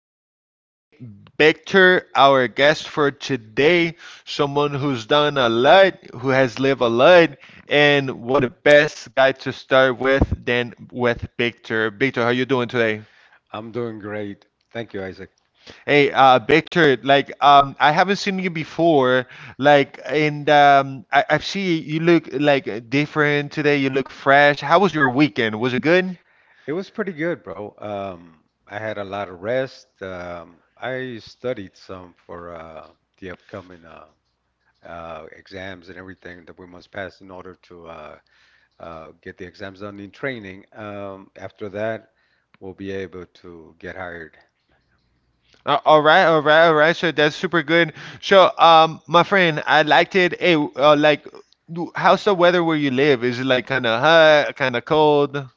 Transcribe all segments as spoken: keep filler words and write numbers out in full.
with me, Victor, our guest for today. Someone who's done a lot, who has lived a lot, and what a best guy to start with than with Victor. Victor, how you doing today? I'm doing great. Thank you, Isaac. Hey, uh, Victor, like, um, I haven't seen you before. Like, and um, I, I see you look like different today. You look fresh. How was your weekend? Was it good? It was pretty good, bro. Um, I had a lot of rest. Um, I studied some for uh, the upcoming uh, uh, exams and everything that we must pass in order to uh, uh, get the exams done in training. Um, after that, we'll be able to get hired. Uh, all right, all right, all right. So that's super good. So, um, my friend, I liked it. Hey, uh, like, do- how's the weather where you live? Is it like kind of hot, kind of cold?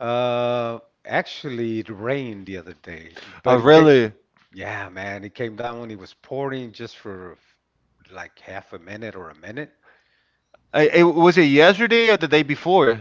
Uh, Actually, it rained the other day, Oh, but it came. really? Yeah, man, it came down when it was pouring just for like half a minute or a minute. Uh, it, was it yesterday or the day before?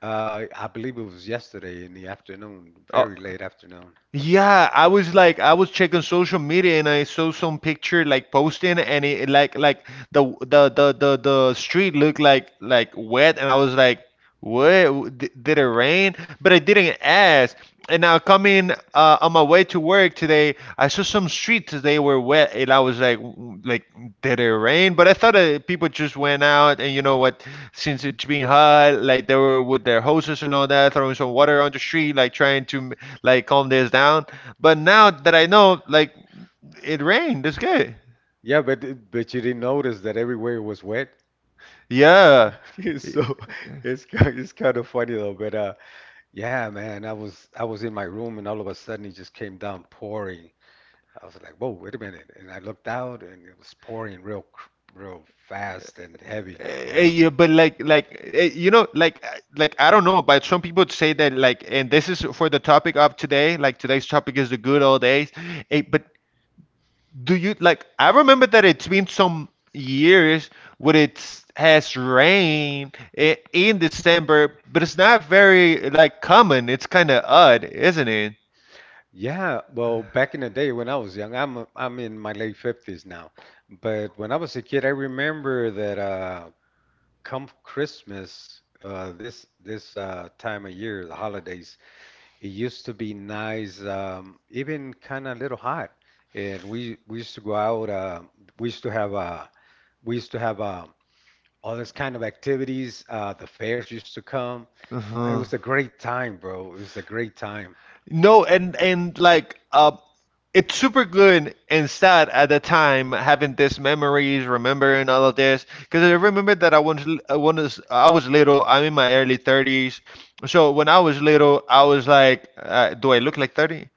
Uh, I believe it was yesterday in the afternoon, Oh. very late afternoon. Yeah, I was like, I was checking social media and I saw some picture like posting and it like like the the the the, the street looked like like wet and I was like, what? D- Did it rain? But I didn't ask. And now coming uh, on my way to work today, I saw some streets they were wet and I was like, w- like did it rain? But I thought that people just went out and you know what, since it's been hot, like they were with their hoses and all that, throwing some water on the street, like trying to like calm this down. But now that I know, like it rained, it's good. Yeah, but it- but you didn't notice that everywhere was wet. Yeah. So it's kind it's kind of funny though. But uh, yeah, man, I was I was in my room and all of a sudden it just came down pouring. I was like, whoa, wait a minute, and I looked out and it was pouring real cr- real fast and heavy. Eh, eh, Yeah. yeah, but like, like eh, you know, like, uh, like I don't know, but some people say that like, and this is for the topic of today. Like today's topic is the good old days. Eh, but do you like I remember that it's been some years where it has rain i- in December, but it's not very like common, it's kind of odd, isn't it? Yeah, well, back in the day when I was young, I'm I'm in my late fifties now. But when I was a kid, I remember that uh come Christmas, uh this this uh time of year, the holidays, it used to be nice, um even kind of a little hot. And we we used to go out, uh we used to have uh we used to have uh, all this kind of activities, uh the fairs used to come. It Uh-huh. was a great time, bro. It was a great time. no and and like uh it's super good and sad at the time having these memories remembering all of this because I remember that i was l- I was i was little. I'm in my early thirties, so when I was little I was like, uh, do I look like thirty?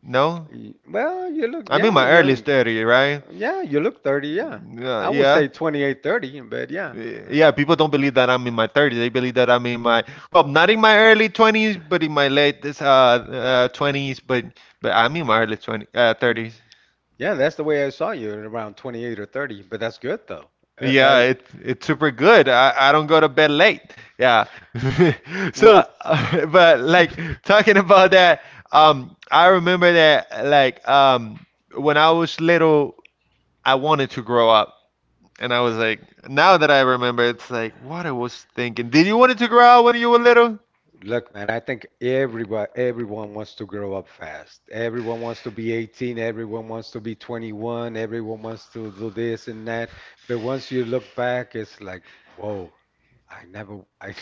No, Y- Well, you look, I'm in yeah, my early young. thirties, right? Yeah, you look thirty, yeah. Yeah, I would yeah. say twenty-eight, thirty. But yeah. Yeah, people don't believe that I'm in my thirties. They believe that I'm in my, well, not in my early twenties, but in my late this, uh, uh twenties, but but I'm in my early twenty uh thirties. Yeah, that's the way I saw you, around twenty-eight or thirty, but that's good though. Uh, Yeah, uh, it it's super good. I, I don't go to bed late. Yeah. well, So, but like talking about that, um, I remember that like um when I was little, I wanted to grow up. And I was like, now that I remember, it's like, what I was thinking. Did you want it to grow out when you were little? look, man, I think everybody, everyone wants to grow up fast. Everyone wants to be eighteen, everyone wants to be twenty-one, everyone wants to do this and that. But once you look back, it's like, whoa, I never, I,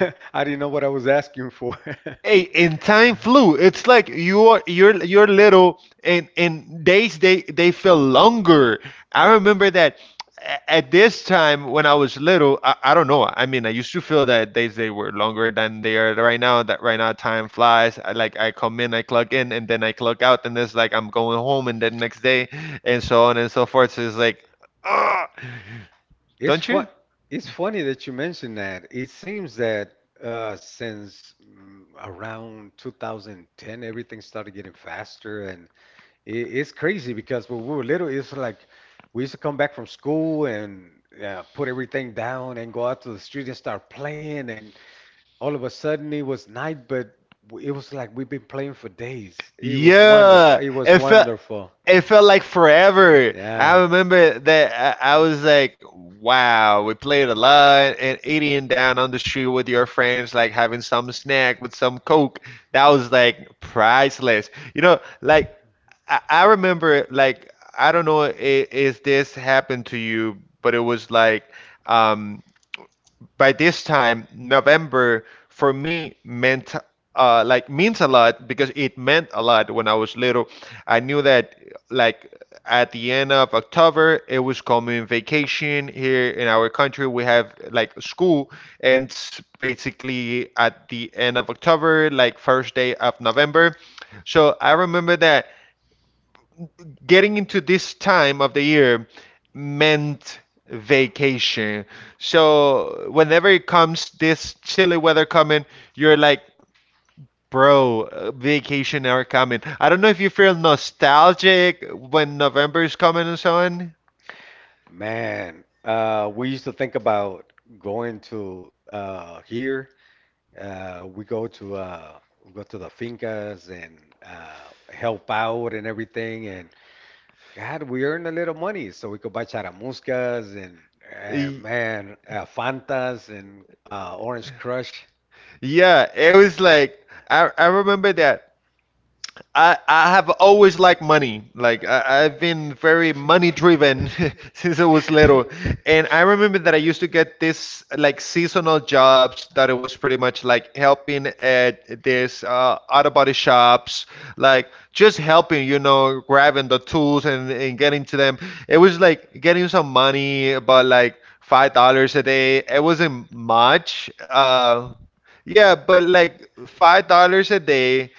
I didn't know what I was asking for. Hey, and time flew. It's like you're you're you're little, and and days they they feel longer. I remember that a- at this time when I was little, I, I don't know. I mean, I used to feel that days they were longer than they are right now. That right now time flies. I, like I come in, I clock in, and then I clock out, and it's like I'm going home, and then next day, and so on and so forth. So it's like, ah, It's don't fun. you? It's funny that you mentioned that. It seems that uh, since mm, around two thousand ten, everything started getting faster, and it, it's crazy because when we were little, it's like we used to come back from school and uh, put everything down and go out to the street and start playing, and all of a sudden it was night, but w- it was like we've been playing for days. It was wonderful. Yeah, It was it felt wonderful. it felt like forever. I Yeah. remember that I, I was like, wow, we played a lot and eating down on the street with your friends, like having some snack with some Coke. That was like priceless. You know, like I, I remember like I don't know i- if this happened to you, but it was like um by this time, November for me meant uh, like means a lot because it meant a lot when I was little. I knew that like at the end of October, it was coming vacation here in our country. We have like school ends basically at the end of October, like first day of November. So I remember that getting into this time of the year meant vacation. So whenever it comes this chilly weather coming, you're like, bro, uh, vacation are coming. I don't know if you feel nostalgic when November is coming and so on. Man, uh, we used to think about going to uh, here. Uh, we go to uh, we go to the fincas and uh, help out and everything. And God, we earn a little money so we could buy charamuscas and, eh, Y- man, uh, Fantas and uh, Orange Crush. Yeah, it was like I, I, I remember that I, I have always liked money. Like I, I've been very money driven since I was little. And I remember that I used to get this like seasonal jobs that it was pretty much like helping at this uh, auto body shops, like just helping, you know, grabbing the tools and, and getting to them. It was like getting some money, about like five dollars a day. It wasn't much. Uh, yeah, but like five dollars a day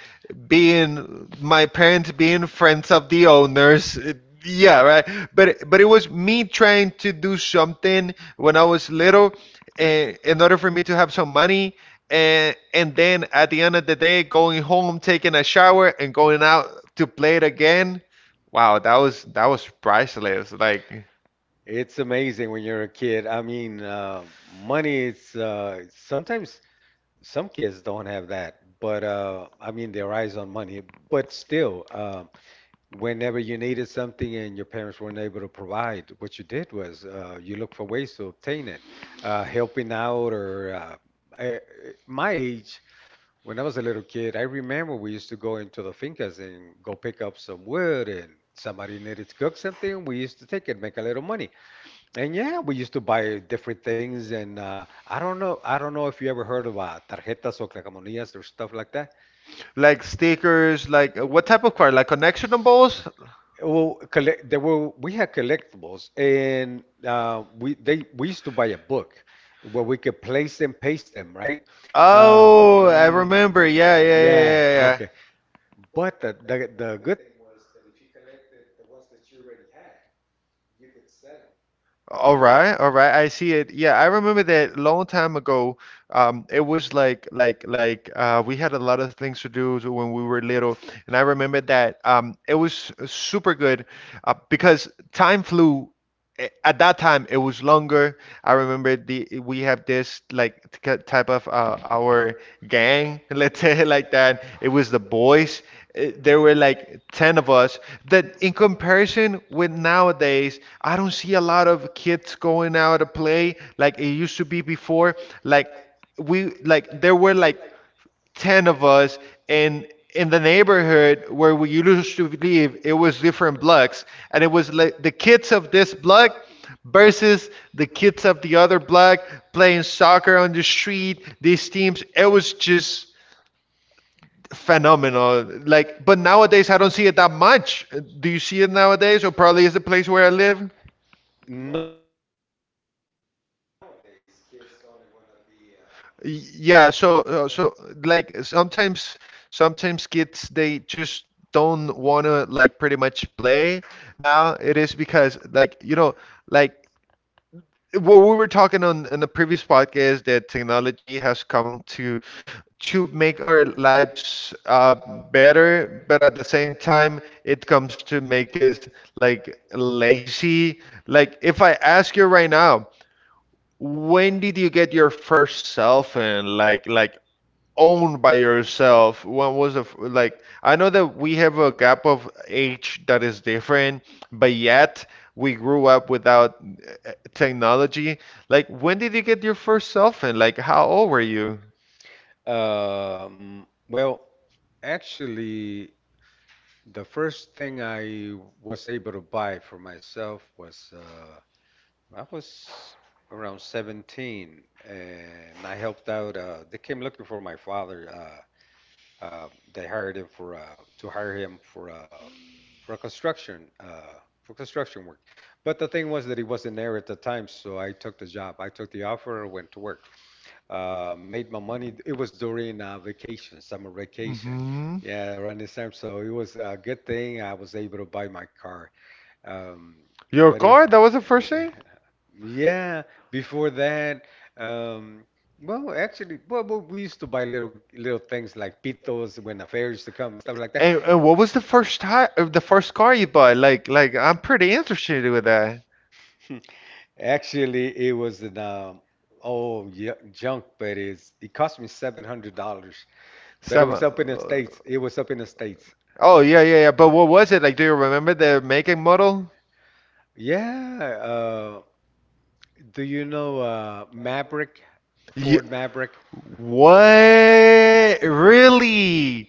being my parents being friends of the owners it- yeah right but but it was me trying to do something when I was little eh, in order for me to have some money and and then at the end of the day going home taking a shower and going out to play it again. Wow, that was that was priceless. like it's amazing when you're a kid. I mean, uh, money is uh, sometimes some kids don't have that, but uh, I mean, their eyes on money. But still, uh, whenever you needed something and your parents weren't able to provide, what you did was uh, you look for ways to obtain it, uh, helping out or uh, I, my age. When I was a little kid, I remember we used to go into the fincas and go pick up some wood, and somebody needed to cook something. We used to take it, make a little money. And yeah, we used to buy different things, and uh, I don't know, I don't know if you ever heard of uh, tarjetas or calcamonías or stuff like that. like stickers, like what type of card, like connection balls. Well, collect, there were we had collectibles, and uh, we they we used to buy a book where we could place and paste them, right? Uh, Oh, I mm, remember. Yeah, yeah, yeah, yeah, yeah. yeah. okay. But the, the the good thing was that if you collected the ones that you already had, you could sell them. All right, all right. I see it. Yeah, I remember that long time ago. Um, it was like like like uh, we had a lot of things to do to when we were little, and I remember that um, it was super good uh, because time flew a- at that time it was longer. I remember the we have this like t- type of uh, our gang, let's say it like that. It was the boys. Uh, There were like ten of us that in comparison with nowadays, I don't see a lot of kids going out to play like it used to be before. Like we like there were like ten of us and in the neighborhood where we used to live it was different blocks and it was like the kids of this block versus the kids of the other block playing soccer on the street. These teams, it was just phenomenal, like but nowadays I don't see it that much. Do you see it nowadays or probably is the place where I live? No, it's rarely that you see that nowadays. Kids only want to be uh, Yeah, uh, so uh, hooked up. so like sometimes sometimes kids they just don't wanna like pretty much play. Now it is because like you know like what we were talking on in the previous podcast that technology has come to to make our lives uh, better, but at the same time, it comes to make us like lazy. Like if I ask you right now, when did you get your first cell phone? Like like own by yourself, when was the f- like I know that we have a gap of age that is different but yet we grew up without uh, technology, like when did you get your first cell phone, like how old were you? Um, well, actually, the first thing I was able to buy for myself was uh, I was around seventeen, and I helped out. Uh, they came looking for my father. Uh, Uh, they hired him for uh, to hire him for uh, for construction uh, for construction work. But the thing was that he wasn't there at the time, so I took the job. I took the offer, went to work, uh, made my money. It was during uh, vacation, summer vacation. Hmm, Yeah, around this time, so it was a good thing I was able to buy my car. Um, Your your but it was, car, car? that That was was the the first question. thing, Yeah, before that, um, well, actually, well, well, we used to buy little little things like pitos when the fair used to come and stuff like that. and, and what was the first time the first car you bought, like like I'm pretty interested with that. Hmm, actually, it was an um, oh yeah, junk, but it's it cost me seven hundred dollars. But it Seven. was up in the uh, States. It was up in the States. Oh yeah, yeah, yeah. But what was it like? Do you remember the make and model? Yeah. Uh, do you know uh, Maverick, Yeah. Ford Maverick? What? Really?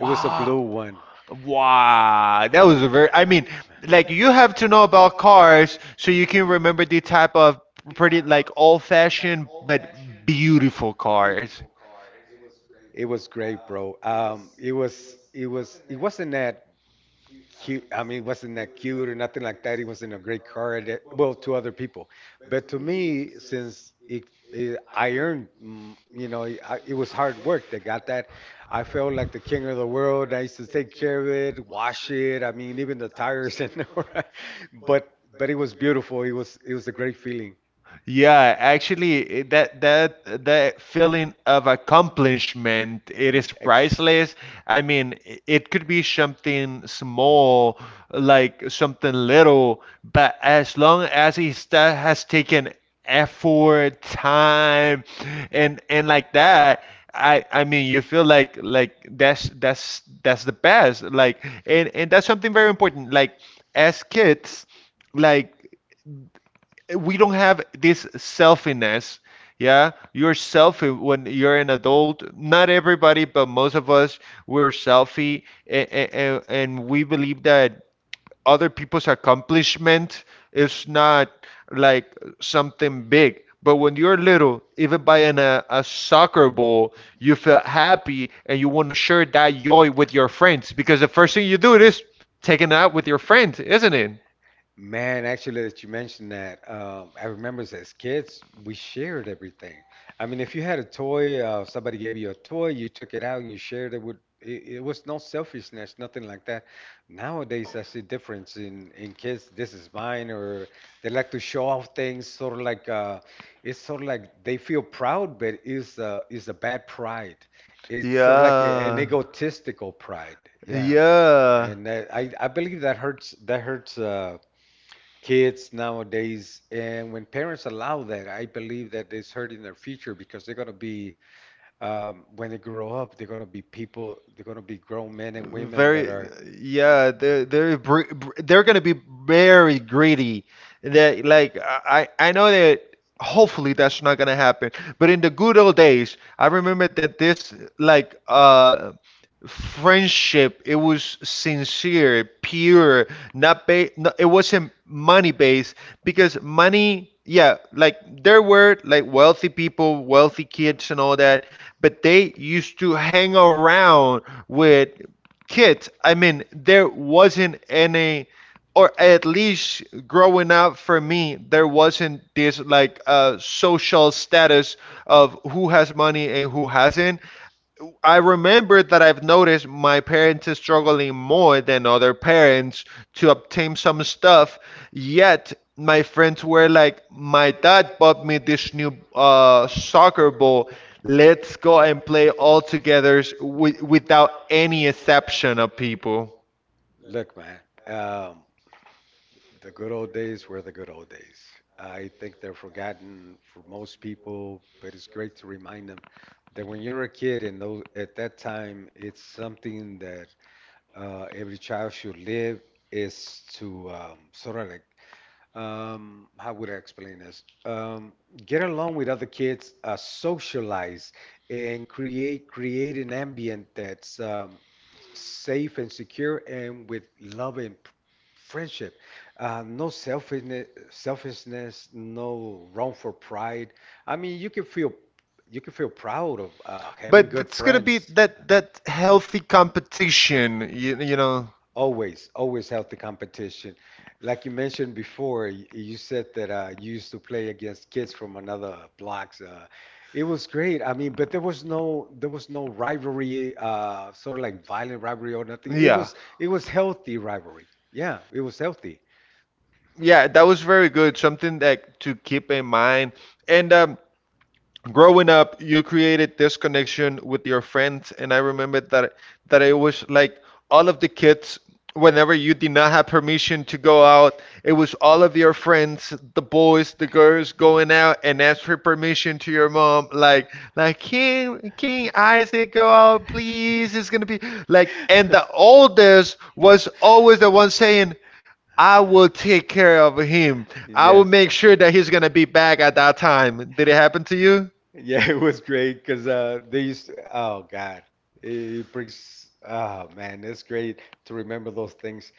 It was a blue one. Wow, that was a very, I mean, like you have to know about cars so you can remember the type of pretty like old-fashioned but beautiful cars. It was great, bro. Um, it was it was it wasn't that cute. I mean, it wasn't that cute or nothing like that. It wasn't a great car that, well, to other people. But to me, since it, it I earned, mm, you know, I, it was hard work that got that. I felt like the king of the world. I used to take care of it, wash it. I mean, even the tires and but but it was beautiful. It was it was a great feeling. Yeah, Yeah, actually, actually, i- that that that that that feeling of accomplishment, it is Ex- priceless. I mean, i- it could be something small, like something little, but as long as it sta- has taken effort, time, and and like that, I I mean, you feel like like that's that's that's the best. Like, and and that's something very important. Like, as kids like we don't have this selfiness. Yeah, you're selfie when you're an adult. Not everybody, but most of us, we're selfie, and, and, and we believe that other people's accomplishment is not like something big. But when you're little, even buying a, a soccer ball, you feel happy and you want to share that joy with your friends because the first thing you do is taking it out with your friends, isn't it? man, actually, that you mentioned that, um, I remember as kids, we shared everything. I mean, if you had a toy, uh, somebody gave you a toy, you took it out and you shared it with, it, it was no selfishness, nothing like that. Nowadays, I see difference in in kids. This is mine, or they like to show off things, sort of like uh, it's sort of like they feel proud, but it's uh, it's a bad pride. It's sort of like a- an Yeah. egotistical pride. Yeah. Yeah. And that, I, I believe that hurts that hurts uh, kids nowadays. And when parents allow that, I believe that it's hurting their future because they're going to be, um, when they grow up, they're going to be people, they're going to be grown men and women that Very, are. yeah, they're they're br br- they're gonna be very greedy. That like I I I know that hopefully that's not gonna happen. But in the good old days, I remember that this, like, uh friendship, it was sincere, pure, not ba- no, it wasn't money based. Because money, yeah, like there were, like, wealthy people, wealthy kids, and all that, but they used to hang around with kids. I mean, there wasn't any, or at least growing up for me, there wasn't this, like, uh, social status of who has money and who hasn't. I remember that I've noticed my parents is struggling more than other parents to obtain some stuff. Yet my friends were like, "My dad bought me this new uh, soccer ball. Let's go and play all together wi- without any exception of people." Look, man, um, the good old days were the good old days. I think they're forgotten for most people, but it's great to remind them that when you're a kid and those, at that time, it's something that uh, every child should live is to um, sort of like um, how would I explain this? Um, get along with other kids, uh, socialize, and create create an ambient that's um, safe and secure and with love and p- friendship. Uh, no selfishness, selfishness, no wrong for pride. I mean, you can feel you can feel proud of uh, having But good it's gonna be friends. that that healthy competition, you, you know. Always, always healthy competition. Like you mentioned before, y- you said that uh, you used to play against kids from another blocks. Uh, it was great. I mean, but there was no there was no rivalry, uh, sort of like violent rivalry or nothing. It was it was healthy rivalry. Yeah, it was healthy. Yeah, that was very good. Something that to keep in mind. And um, growing up, you created this connection with your friends, and I remember that that it was like all of the kids, whenever you did not have permission to go out, it was all of your friends, the boys, the girls, going out and ask for permission to your mom, like, like king king Isaac, go out please. It's gonna be Like like, and and the the oldest oldest was was always always the the one one saying, saying, "I I I will will take take care care of of him. him. I I will yeah. Will make make sure sure that that he's he's gonna be back back at at that that time. time." Did Did it it happen happen to to you? you? Yeah, it was great because uh, they used to, oh God, it brings, oh man, it's great to remember those things.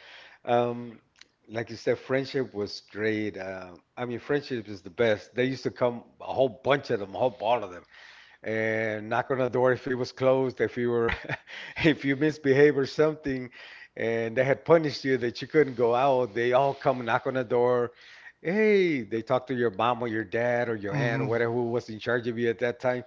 Um, like you said, friendship was great. Uh, I mean, friendship is the best. They used to come a whole bunch of them, a whole ball of them, and knock on the door if it was closed, if you were, if you misbehave or something, and they had punished you that you couldn't go out. They all come knock on the door. Hey, they talk to your mom or your dad or your aunt or Mhm. whatever who was in charge of you at that time.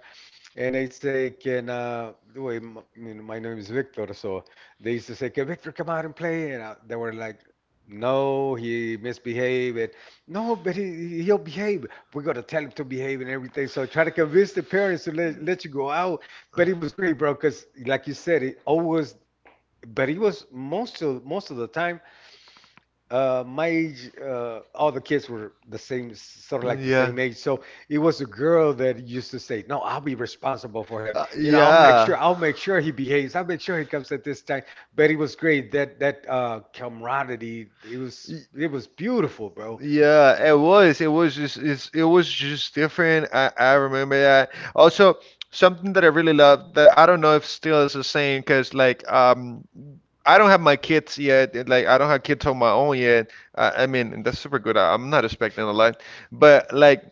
And I'd say, can, uh, the way, m- you know, my name is Victor, so they used to say, can Victor come out and play? And I, they were like, no, he misbehaved. And, no, but he, he'll behave. We're going to tell him to behave and everything. So try to convince the parents to let, let you go out. But it was great, bro, because like you said, it always, but he was most of, most of the time, uh, my age, uh, all the kids were the same, sort of like the same age. So it was a girl that used to say, "No, I'll be responsible for him. I'll make You know, I'll make Yeah. sure, I'll make sure he behaves. I'll make sure he comes at this time." But it was great. That that uh, camaraderie, it was it was beautiful, bro. Yeah, it was. It was just it's It was just different. I I remember that. Also, something that I really loved that I don't know if still is the same, because, like, um I don't have my kids yet. And, like, I don't have kids on my own yet. I, I mean, that's super good. I, I'm not expecting a lot, but, like,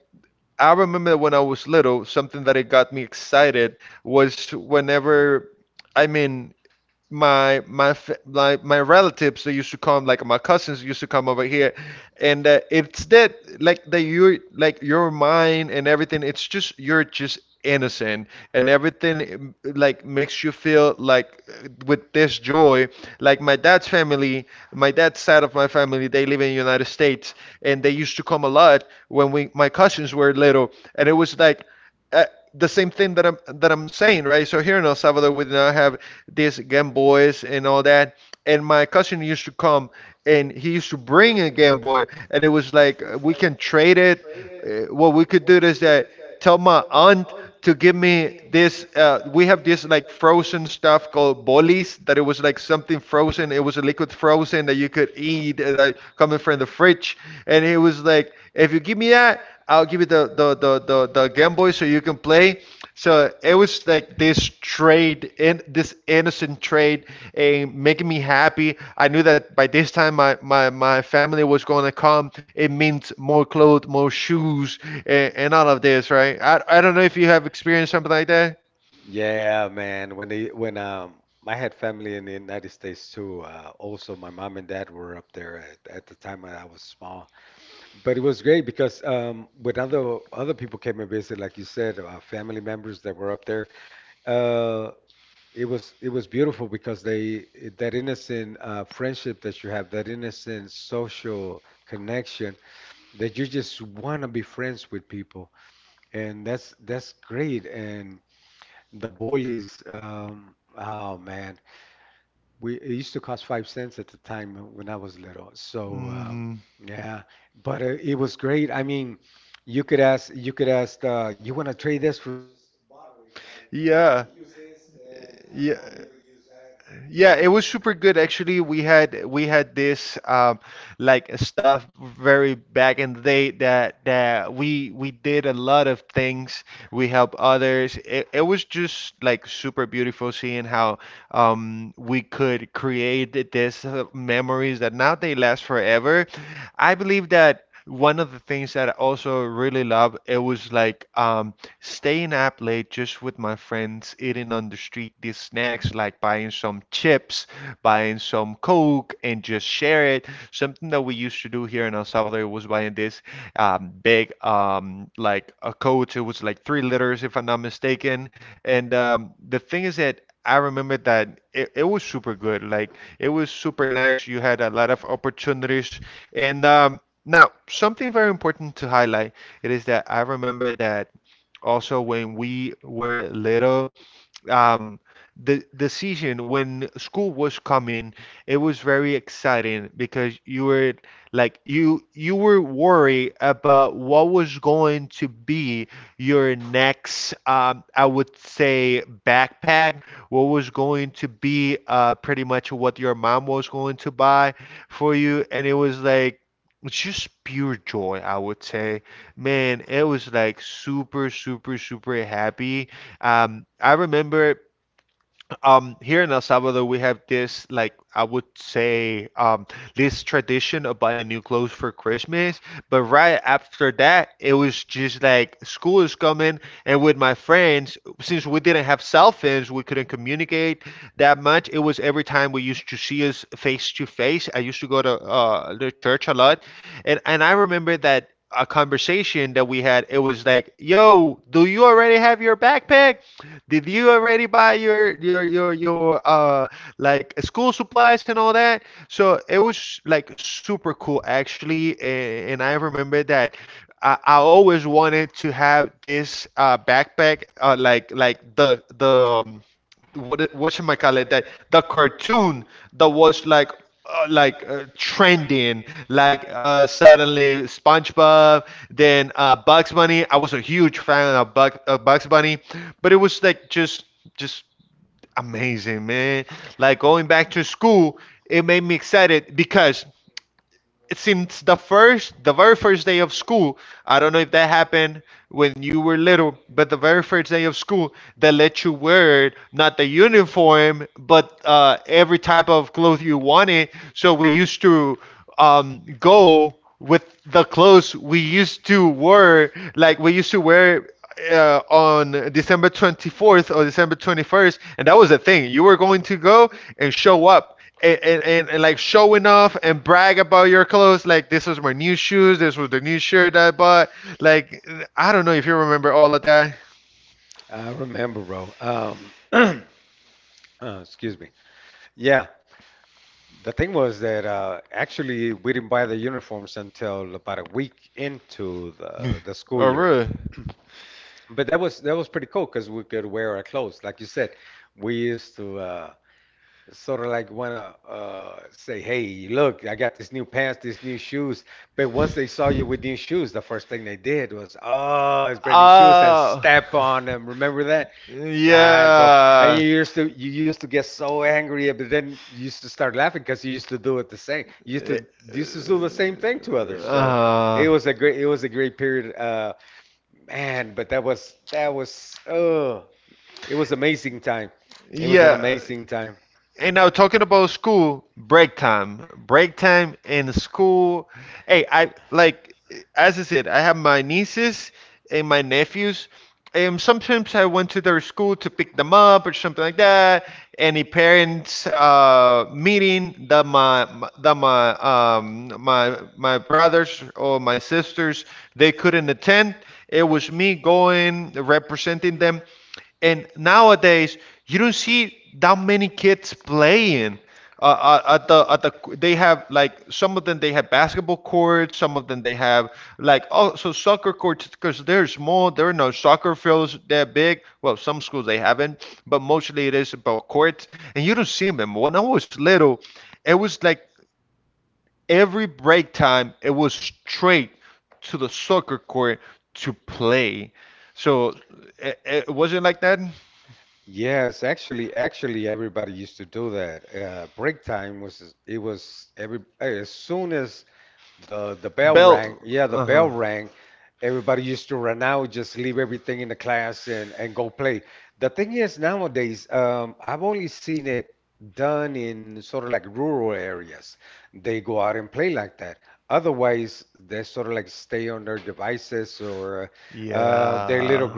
I remember when I was little, something that it got me excited was whenever. I mean, my my fa- like my relatives, they used to come, like my cousins used to come over here, and uh, it's that, like, that you, like, your mind and everything, it's just you're just innocent, and everything, um, like, makes you feel, like, uh, with this joy. Like, my dad's family, my dad's side of my family, they live in United States, and they used to come a lot when we my cousins were little. And it was like, uh, the same thing that I'm that I'm saying, right? So here in El Salvador, we did not have these Game Boys and all that. And my cousin used to come, and he used to bring a Game Boy, and it was like, uh, we can trade it. Uh, what we could do is that tell my aunt to give me this. Uh, we have this, like, frozen stuff called bolis, that it was like something frozen. It was a liquid frozen that you could eat, and I coming from the fridge. And it was like, if you give me that, I'll give you the the the the, the Game Boy so you can play. So it was like this trade, in this innocent trade, and making me happy. I knew that by this time, my my, my family was gonna come. It means more clothes, more shoes, and, and all of this, right? I, I don't know if you have experienced something like that. Yeah, man. When they when um I had family in the United States too. Uh, also, my mom and dad were up there at, at the time when I was small. But it was great because um, when other other people came and visited, like you said, uh, family members that were up there, uh, it was it was beautiful because they that innocent uh, friendship that you have, that innocent social connection that you just want to be friends with people, and that's that's great. And the bullies, um, oh man. We it used to cost five cents at the time when I was little. So um, yeah, but it, it was great. I mean, you could ask you could ask uh, you want to trade this for just borrowing, right? Uh, you Yeah. can use this, and I'll, Yeah. I'll be able to use that. Yeah, it was super good actually. We had we had this um like stuff very back in the day, that that we we did a lot of things. We help others. It, it was just like super beautiful, seeing how um we could create this uh, memories that now they last forever. I believe that one of the things that I also really love, it was, like, um, staying up late just with my friends, eating on the street these snacks, like buying some chips, buying some Coke, and just share it. Something that we used to do here in El Salvador was buying this um, big, um, like a Coke. It was like three liters, if I'm not mistaken. And um, the thing is that I remember that it, it was super good. Like, it was super nice. You had a lot of opportunities. And um, now, something very important to highlight, it is that I remember that also when we were little, um, the the season when school was coming, it was very exciting, because you were like, you you were worried about what was going to be your next, um, I would say, backpack, what was going to be, uh, pretty much what your mom was going to buy for you, and it was like it's just pure joy, I would say. Man, it was like super, super, super happy. Um, I remember, um, here in El Salvador, we have this, like, I would say, um, this tradition of buying new clothes for Christmas. But right after that, it was just like school is coming. And with my friends, since we didn't have cell phones, we couldn't communicate that much. It was every time we used to see us face to face. I used to go to uh, the church a lot, and and I remember that a conversation that we had. It was like, "Yo, do you already have your backpack? Did you already buy your your your your uh like school supplies and all that?" So it was like super cool actually, and, and I remember that I, I always wanted to have this uh, backpack, uh, like like the the um, what what should I call it? That the cartoon that was like, uh, like, uh, trending, like, uh, suddenly SpongeBob, then, uh, Bugs Bunny. I was a huge fan of Bug, uh, Bugs Bunny, but it was like just just amazing, man. Like, going back to school, it made me excited, because since the first the very first day of school, I don't know if that happened when you were little, but the very first day of school, they let you wear not the uniform, but, uh, every type of clothes you wanted, so we used to, um, go with the clothes we used to wear, like we used to wear, uh, on December twenty-fourth or December twenty-first, and that was the thing. You were going to go and show up, and, and, and, and like showing off and brag about your clothes. Like, this was my new shoes, this was the new shirt I bought. Like, I don't know if you remember all of that. Oh, really? Oh, yeah. Uh, yeah. And now, talking about school break time, break time in school. Hey, I like, as I said, I have my nieces and my nephews. And sometimes I went to their school to pick them up or something like that. Any parents uh, meeting that my my- that my um, my my brothers or my sisters, they couldn't attend. It was me going, representing them. And nowadays, you don't see that many kids playing, uh, uh, at the at the they have, like, some of them they have basketball courts, some of them they have, like, oh, so, soccer courts, because they're small, there are no soccer fields that big. Well, some schools they haven't, but mostly it is about courts. And you don't see them. When I was little, it was like every break time, it was straight to the soccer court to play. So it, it wasn't like that Bell. Uh huh. Yeah.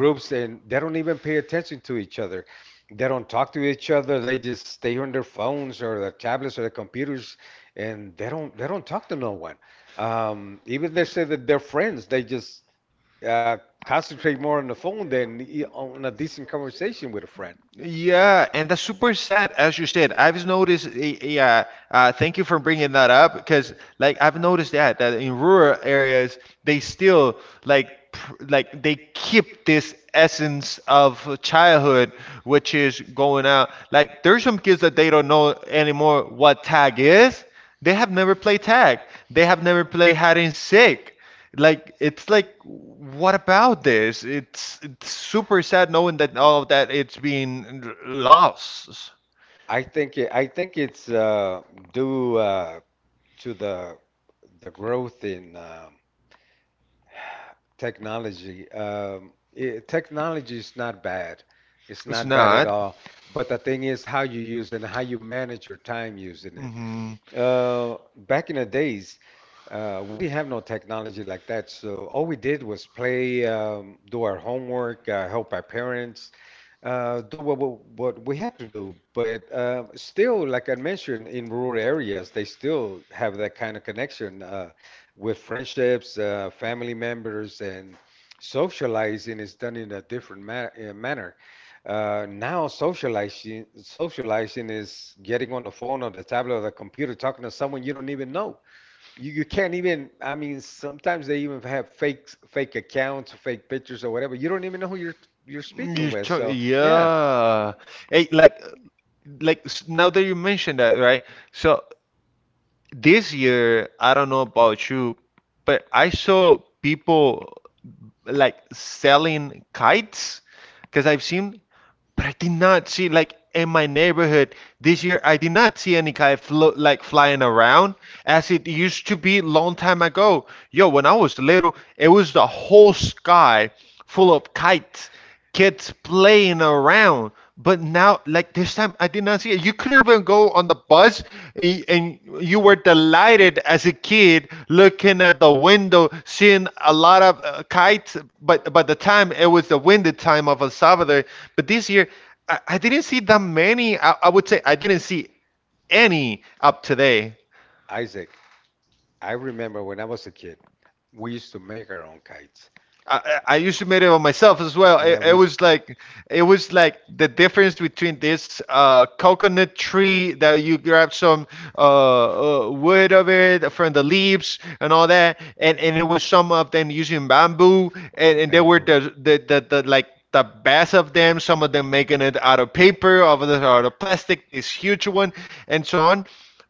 Yeah, and that's super sad, as you said. I've noticed, y- yeah, uh, thank you for bringing that up, because, like, I've noticed that that in rural areas they still like pr like they keep this essence of childhood, which is going out. Like, there's some kids that they don't know anymore what tag is. They have never played tag. They have never played hide and seek. Like, it's like, what about this? It's it's super sad, knowing that all of that it's being r- lost. It's not. Hmm. You cho- yeah. Hey, like, like s- now that you mentioned that, right? So this year, I don't know about you, but I saw people like selling kites, because I've seen, but I did not see, like, in my neighborhood this year, I did not see any kite flo like flying around as it used to be long time ago. Yo, when I was little, it was the whole sky full of kites, kids playing around. But now, like, this first time I did not see it. You could even go on the bus, and, and you were delighted as a kid looking at the window, seeing a lot of uh, kites. But by the time it was the winded time of El Salvador. But this year, I, I didn't see that many. I, I would say I didn't see any up today. I, I used to make it on myself as well. It, it was like it was like the difference between this uh, coconut tree that you grab some uh, uh, wood of it from the leaves and all that, and, and it was some of them using bamboo, and, and they were the, the the the, like, the best of them. Some of them making it out of paper, others out of plastic. This huge one, and so on.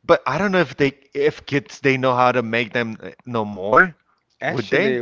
But I don't know if they if kids they know how to make them, uh, no more, would they?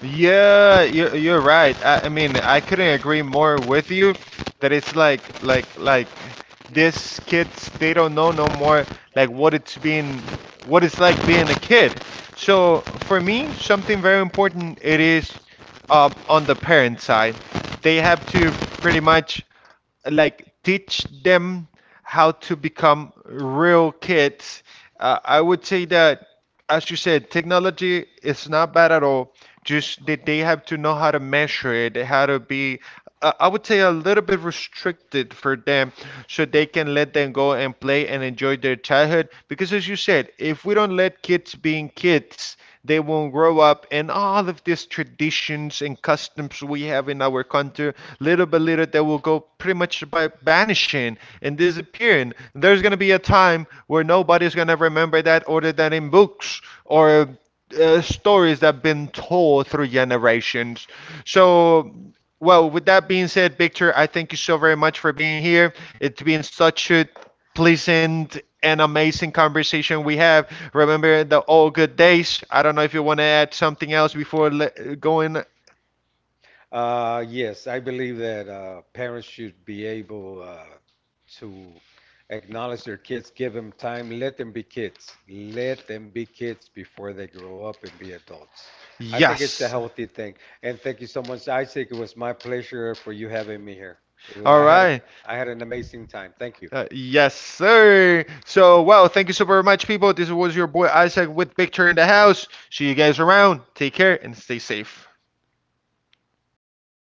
Yeah, you're you're right. I, I mean, I couldn't agree more with you, that it's, like like like these kids, they don't know no more, like, what it's being what it's like being a kid. So for me, something very important it is, um, on the parent side. They have to pretty much, like, teach them how to become real kids. Uh, I would say that, as you said, technology is not bad at all. Just that they have to know how to measure it, how to be, uh, I would say, a little bit restricted for them, so they can let them go and play and enjoy their childhood. Because, as you said, if we don't let kids being being kids, they will grow up, and all of these traditions and customs we have in our country, little by little, they will go pretty much by vanishing and disappearing. There's going to be a time where nobody's going to remember that, other than in books or uh, stories that have been told through generations. So, well, with that being said, Victor, I thank you so very much for being here. It's been such a pleasant an amazing conversation we have. Remember the old good days. I don't know if you want to add something else before le- going. Yes. All right. Uh, yes, sir. So, well, thank you so very much, people. This was your boy Isaac with Picture in the House. See you guys around. Take care and stay safe.